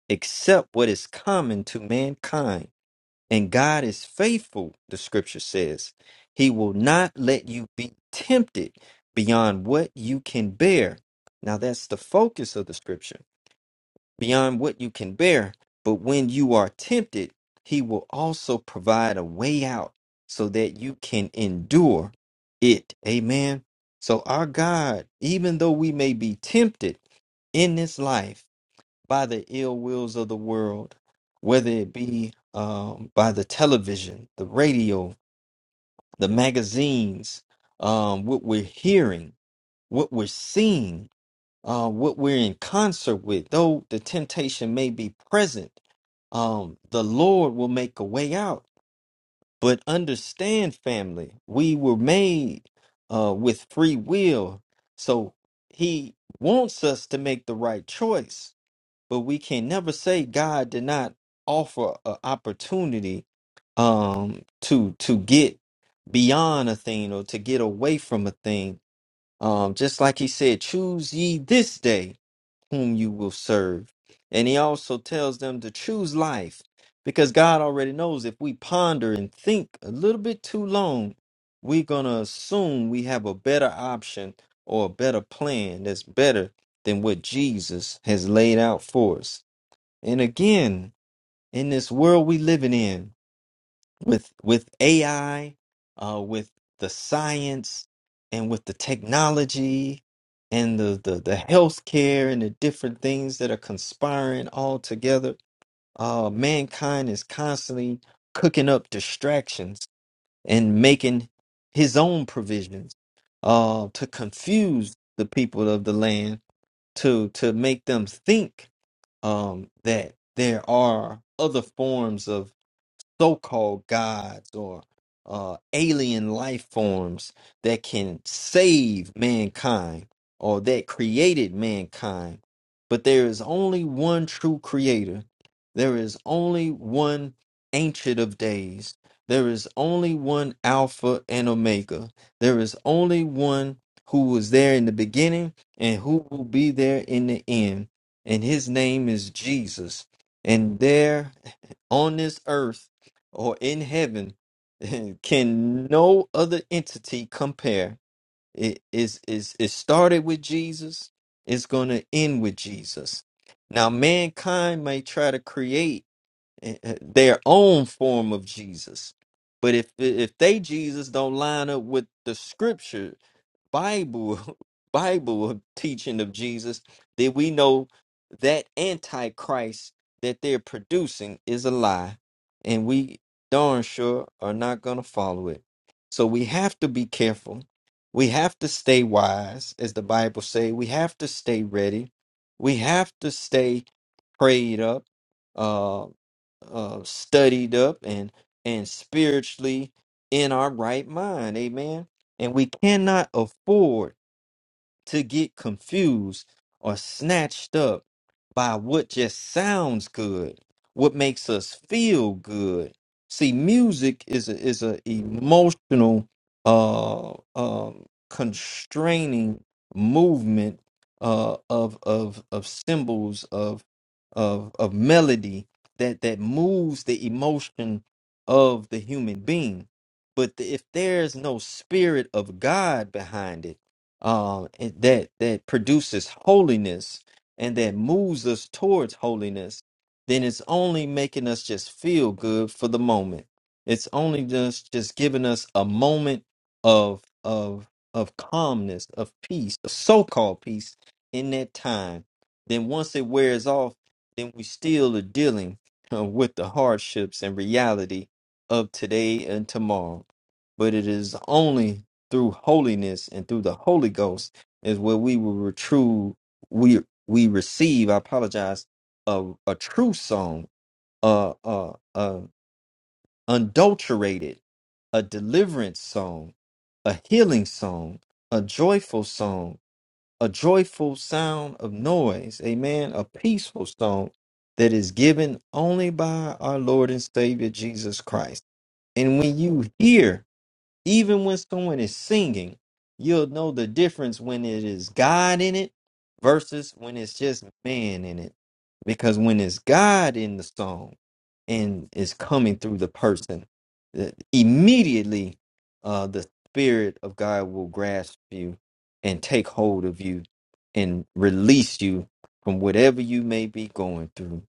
Speaker 3: except what is common to mankind and God is faithful, the scripture says. He will not let you be tempted beyond what you can bear. Now, that's the focus of the scripture beyond what you can bear. But when you are tempted, He will also provide a way out so that you can endure it. Amen. So, our God, even though we may be tempted in this life, by the ill wills of the world, whether it be um, by the television, the radio, the magazines, um, what we're hearing, what we're seeing, uh, what we're in concert with, though the temptation may be present, um, the Lord will make a way out. But understand, family, we were made uh, with free will. So he wants us to make the right choice but we can never say God did not offer an opportunity um to to get beyond a thing or to get away from a thing. Um just like he said, choose ye this day whom you will serve. And he also tells them to choose life because God already knows if we ponder and think a little bit too long, we're going to assume we have a better option or a better plan that's better than what Jesus has laid out for us. And again, in this world we living in with with AI, uh, with the science and with the technology and the, the the healthcare and the different things that are conspiring all together, uh, mankind is constantly cooking up distractions and making his own provisions uh, to confuse the people of the land to to make them think um, that there are other forms of so-called gods or uh, alien life forms that can save mankind or that created mankind. But there is only one true creator. There is only one ancient of days. There is only one Alpha and Omega. There is only one who was there in the beginning and who will be there in the end. And his name is Jesus. And there on this earth or in heaven can no other entity compare. It is is it started with Jesus, it's going to end with Jesus. Now mankind may try to create eh, eh, their own form of Jesus. But if if they Jesus don't line up with the scripture Bible Bible teaching of Jesus that we know that antichrist that they're producing is a lie and we darn sure are not going to follow it. So we have to be careful. We have to stay wise as the Bible say. We have to stay ready. We have to stay prayed up, uh, uh studied up and and spiritually in our right mind. Amen. And we cannot afford to get confused or snatched up by what just sounds good, what makes us feel good. See, music is a, is a emotional, uh, um, constraining movement uh, of of of symbols of of of melody that that moves the emotion of the human being. But if there's no spirit of God behind it um, and that that produces holiness and that moves us towards holiness, then it's only making us just feel good for the moment. It's only just just giving us a moment of of of calmness, of peace, of so-called peace in that time. Then once it wears off, then we still are dealing uh, with the hardships and reality of today and tomorrow. But it is only through holiness and through the Holy Ghost is where we will re- true we we receive. I apologize. A, a true song, a, a, a adulterated, a deliverance song, a healing song, a joyful song, a joyful sound of noise. Amen. A peaceful song that is given only by our Lord and Savior Jesus Christ. And when you hear even when someone is singing, you'll know the difference when it is God in it versus when it's just man in it. Because when it's God in the song and is coming through the person, uh, immediately uh, the Spirit of God will grasp you and take hold of you and release you from whatever you may be going through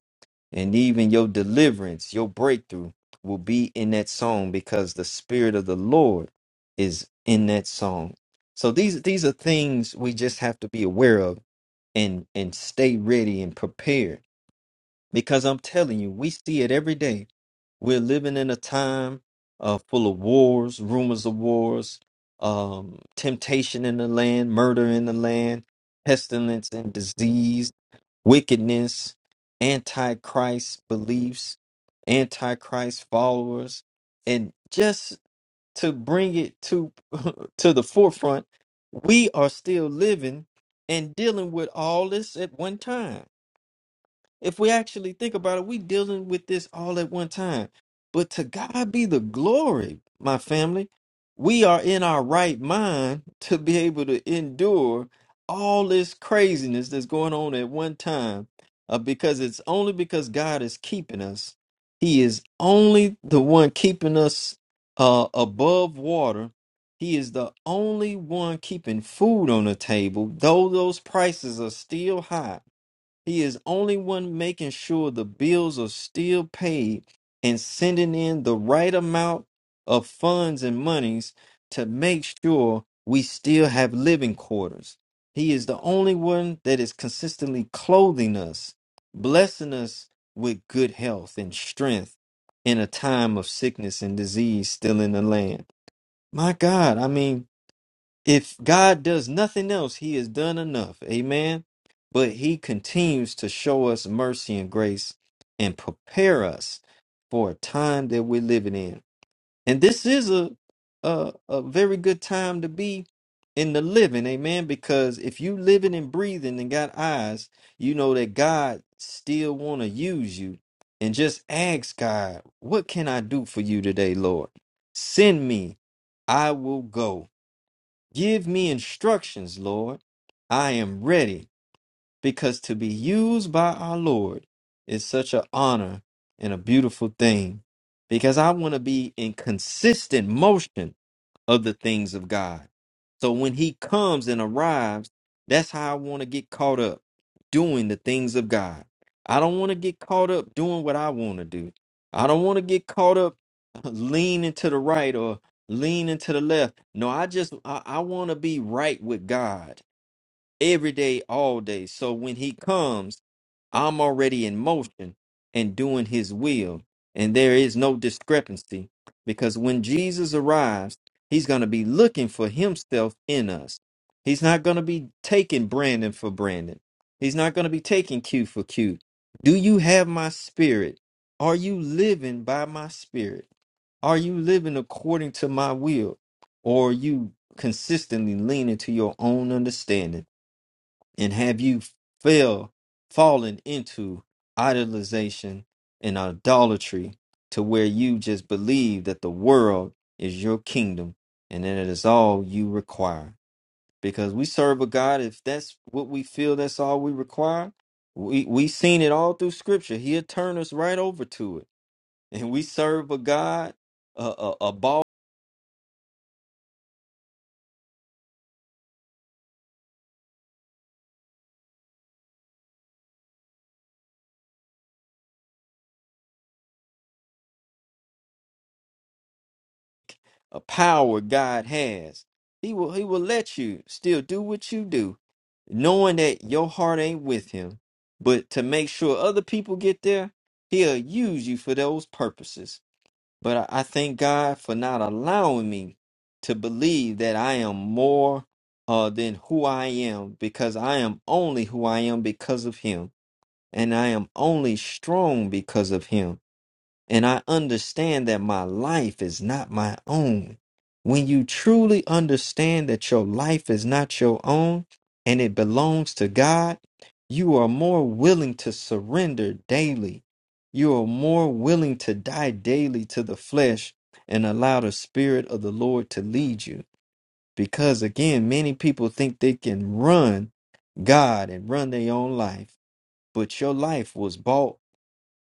Speaker 3: and even your deliverance, your breakthrough will be in that song because the spirit of the Lord is in that song. So these these are things we just have to be aware of and and stay ready and prepared because I'm telling you, we see it every day. We're living in a time uh, full of wars, rumors of wars, um, temptation in the land, murder in the land, pestilence and disease wickedness, antichrist beliefs, antichrist followers, and just to bring it to to the forefront, we are still living and dealing with all this at one time. If we actually think about it, we dealing with this all at one time. But to God be the glory, my family. We are in our right mind to be able to endure all this craziness that's going on at one time uh, because it's only because God is keeping us. He is only the one keeping us uh, above water. He is the only one keeping food on the table, though those prices are still high. He is only one making sure the bills are still paid and sending in the right amount of funds and monies to make sure we still have living quarters. He is the only one that is consistently clothing us, blessing us with good health and strength in a time of sickness and disease still in the land. My God, I mean, if God does nothing else, He has done enough. Amen. But He continues to show us mercy and grace and prepare us for a time that we're living in. And this is a a, a very good time to be in the living, amen. Because if you living and breathing and got eyes, you know that God still want to use you. And just ask God, what can I do for you today, Lord? Send me, I will go. Give me instructions, Lord. I am ready because to be used by our Lord is such an honor and a beautiful thing because I want to be in consistent motion of the things of God. So when He comes and arrives, that's how I want to get caught up doing the things of God. I don't want to get caught up doing what I want to do. I don't want to get caught up leaning to the right or leaning to the left. No, I just I, I want to be right with God every day, all day. So when he comes, I'm already in motion and doing his will. And there is no discrepancy because when Jesus arrives, he's going to be looking for himself in us. He's not going to be taking Brandon for Brandon. He's not going to be taking Q for Q. Do you have my spirit? Are you living by my spirit? Are you living according to my will? Or are you consistently leaning to your own understanding? and have you fell fallen into idolization and idolatry to where you just believe that the world is your kingdom and that it is all you require because we serve a god if that's what we feel that's all we require we we seen it all through scripture he'll turn us right over to it and we serve a god a, a, a power God has. He will he will let you still do what you do, knowing that your heart ain't with him. But to make sure other people get there, he'll use you for those purposes. But I, I thank God for not allowing me to believe that I am more uh, than who I am, because I am only who I am because of him. And I am only strong because of him and I understand that my life is not my own. When you truly understand that your life is not your own and it belongs to God, you are more willing to surrender daily. You are more willing to die daily to the flesh and allow the Spirit of the Lord to lead you. Because again, many people think they can run God and run their own life, but your life was bought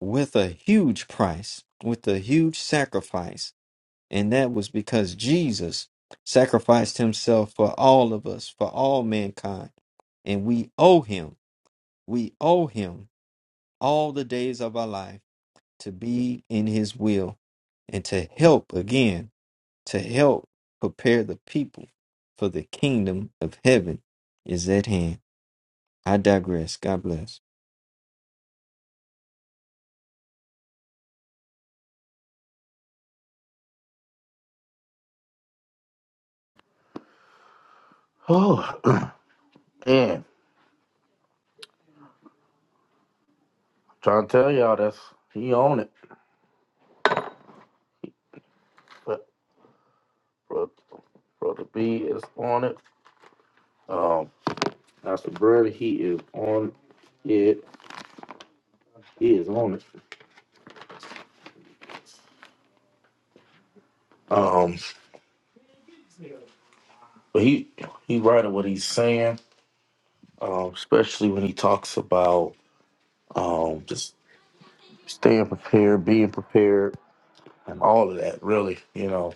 Speaker 3: with a huge price, with a huge sacrifice. And that was because Jesus sacrificed himself for all of us, for all mankind. And we owe him, we owe him all the days of our life to be in his will and to help again, to help prepare the people for the kingdom of heaven is at hand. I digress. God bless.
Speaker 1: Oh man, trying to tell y'all that's he on it. But Brother, Brother B is on it. Um, Pastor Brandon, he is on it. He is on it. Um, but he he right at what he's saying, um, especially when he talks about Um, just staying prepared, being prepared, and all of that. Really, you know,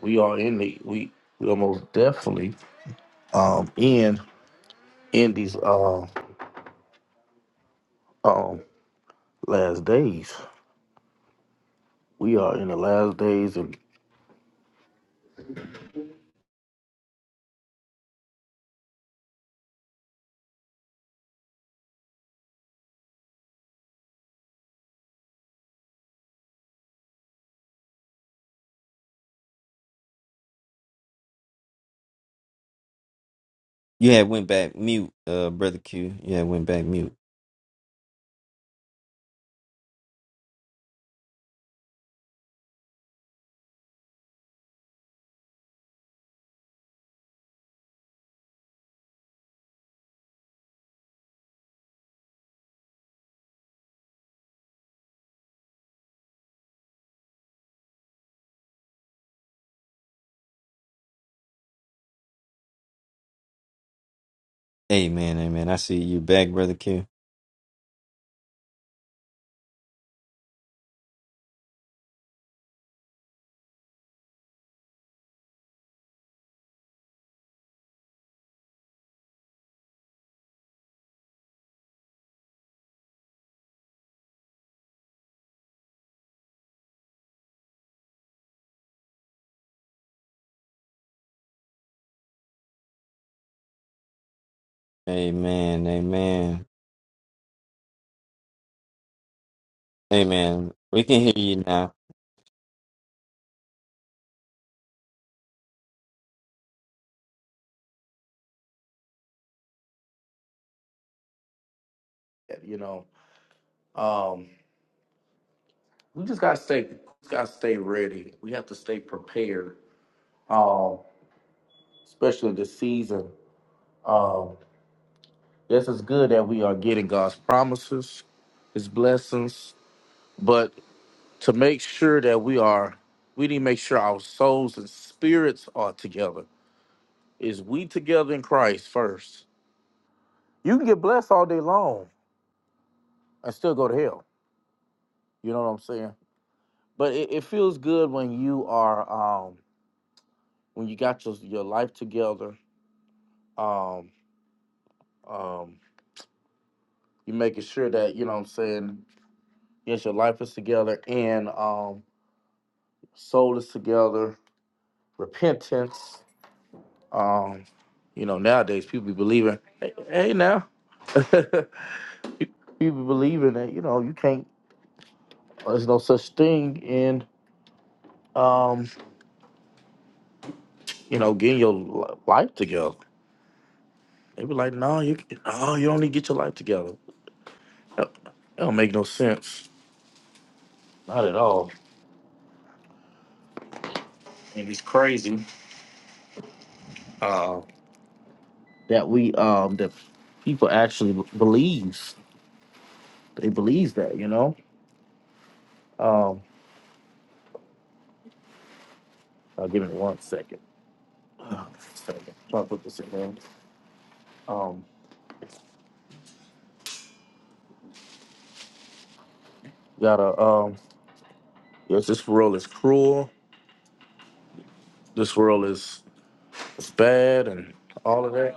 Speaker 1: we are in the we we almost definitely um in in these uh um last days. We are in the last days, and
Speaker 3: You had went back mute, uh, brother Q. You had went back mute. Amen, amen. I see you back, Brother Q. Amen, amen. Amen. We can hear you now.
Speaker 1: you know, um, we just gotta stay just gotta stay ready. We have to stay prepared. Um, especially this season. Um, yes, it's good that we are getting God's promises, His blessings, but to make sure that we are we need to make sure our souls and spirits are together is we together in christ first you can get blessed all day long and still go to hell you know what i'm saying but it, it feels good when you are um when you got your, your life together um um you making sure that you know what i'm saying yes your life is together and um soul is together repentance Um, you know, nowadays people be believing, hey, hey now, people be believing that you know you can't. There's no such thing in um, you know getting your li- life together. They be like, no, you no, you don't need to get your life together. That, that don't make no sense. Not at all. Uh, that we um that people actually b- believes they believes that you know. Um, I'll give it one second. Uh, Second. Try to put this in there. Um, gotta um Yes, this world is cruel. This world is, is bad and all of that.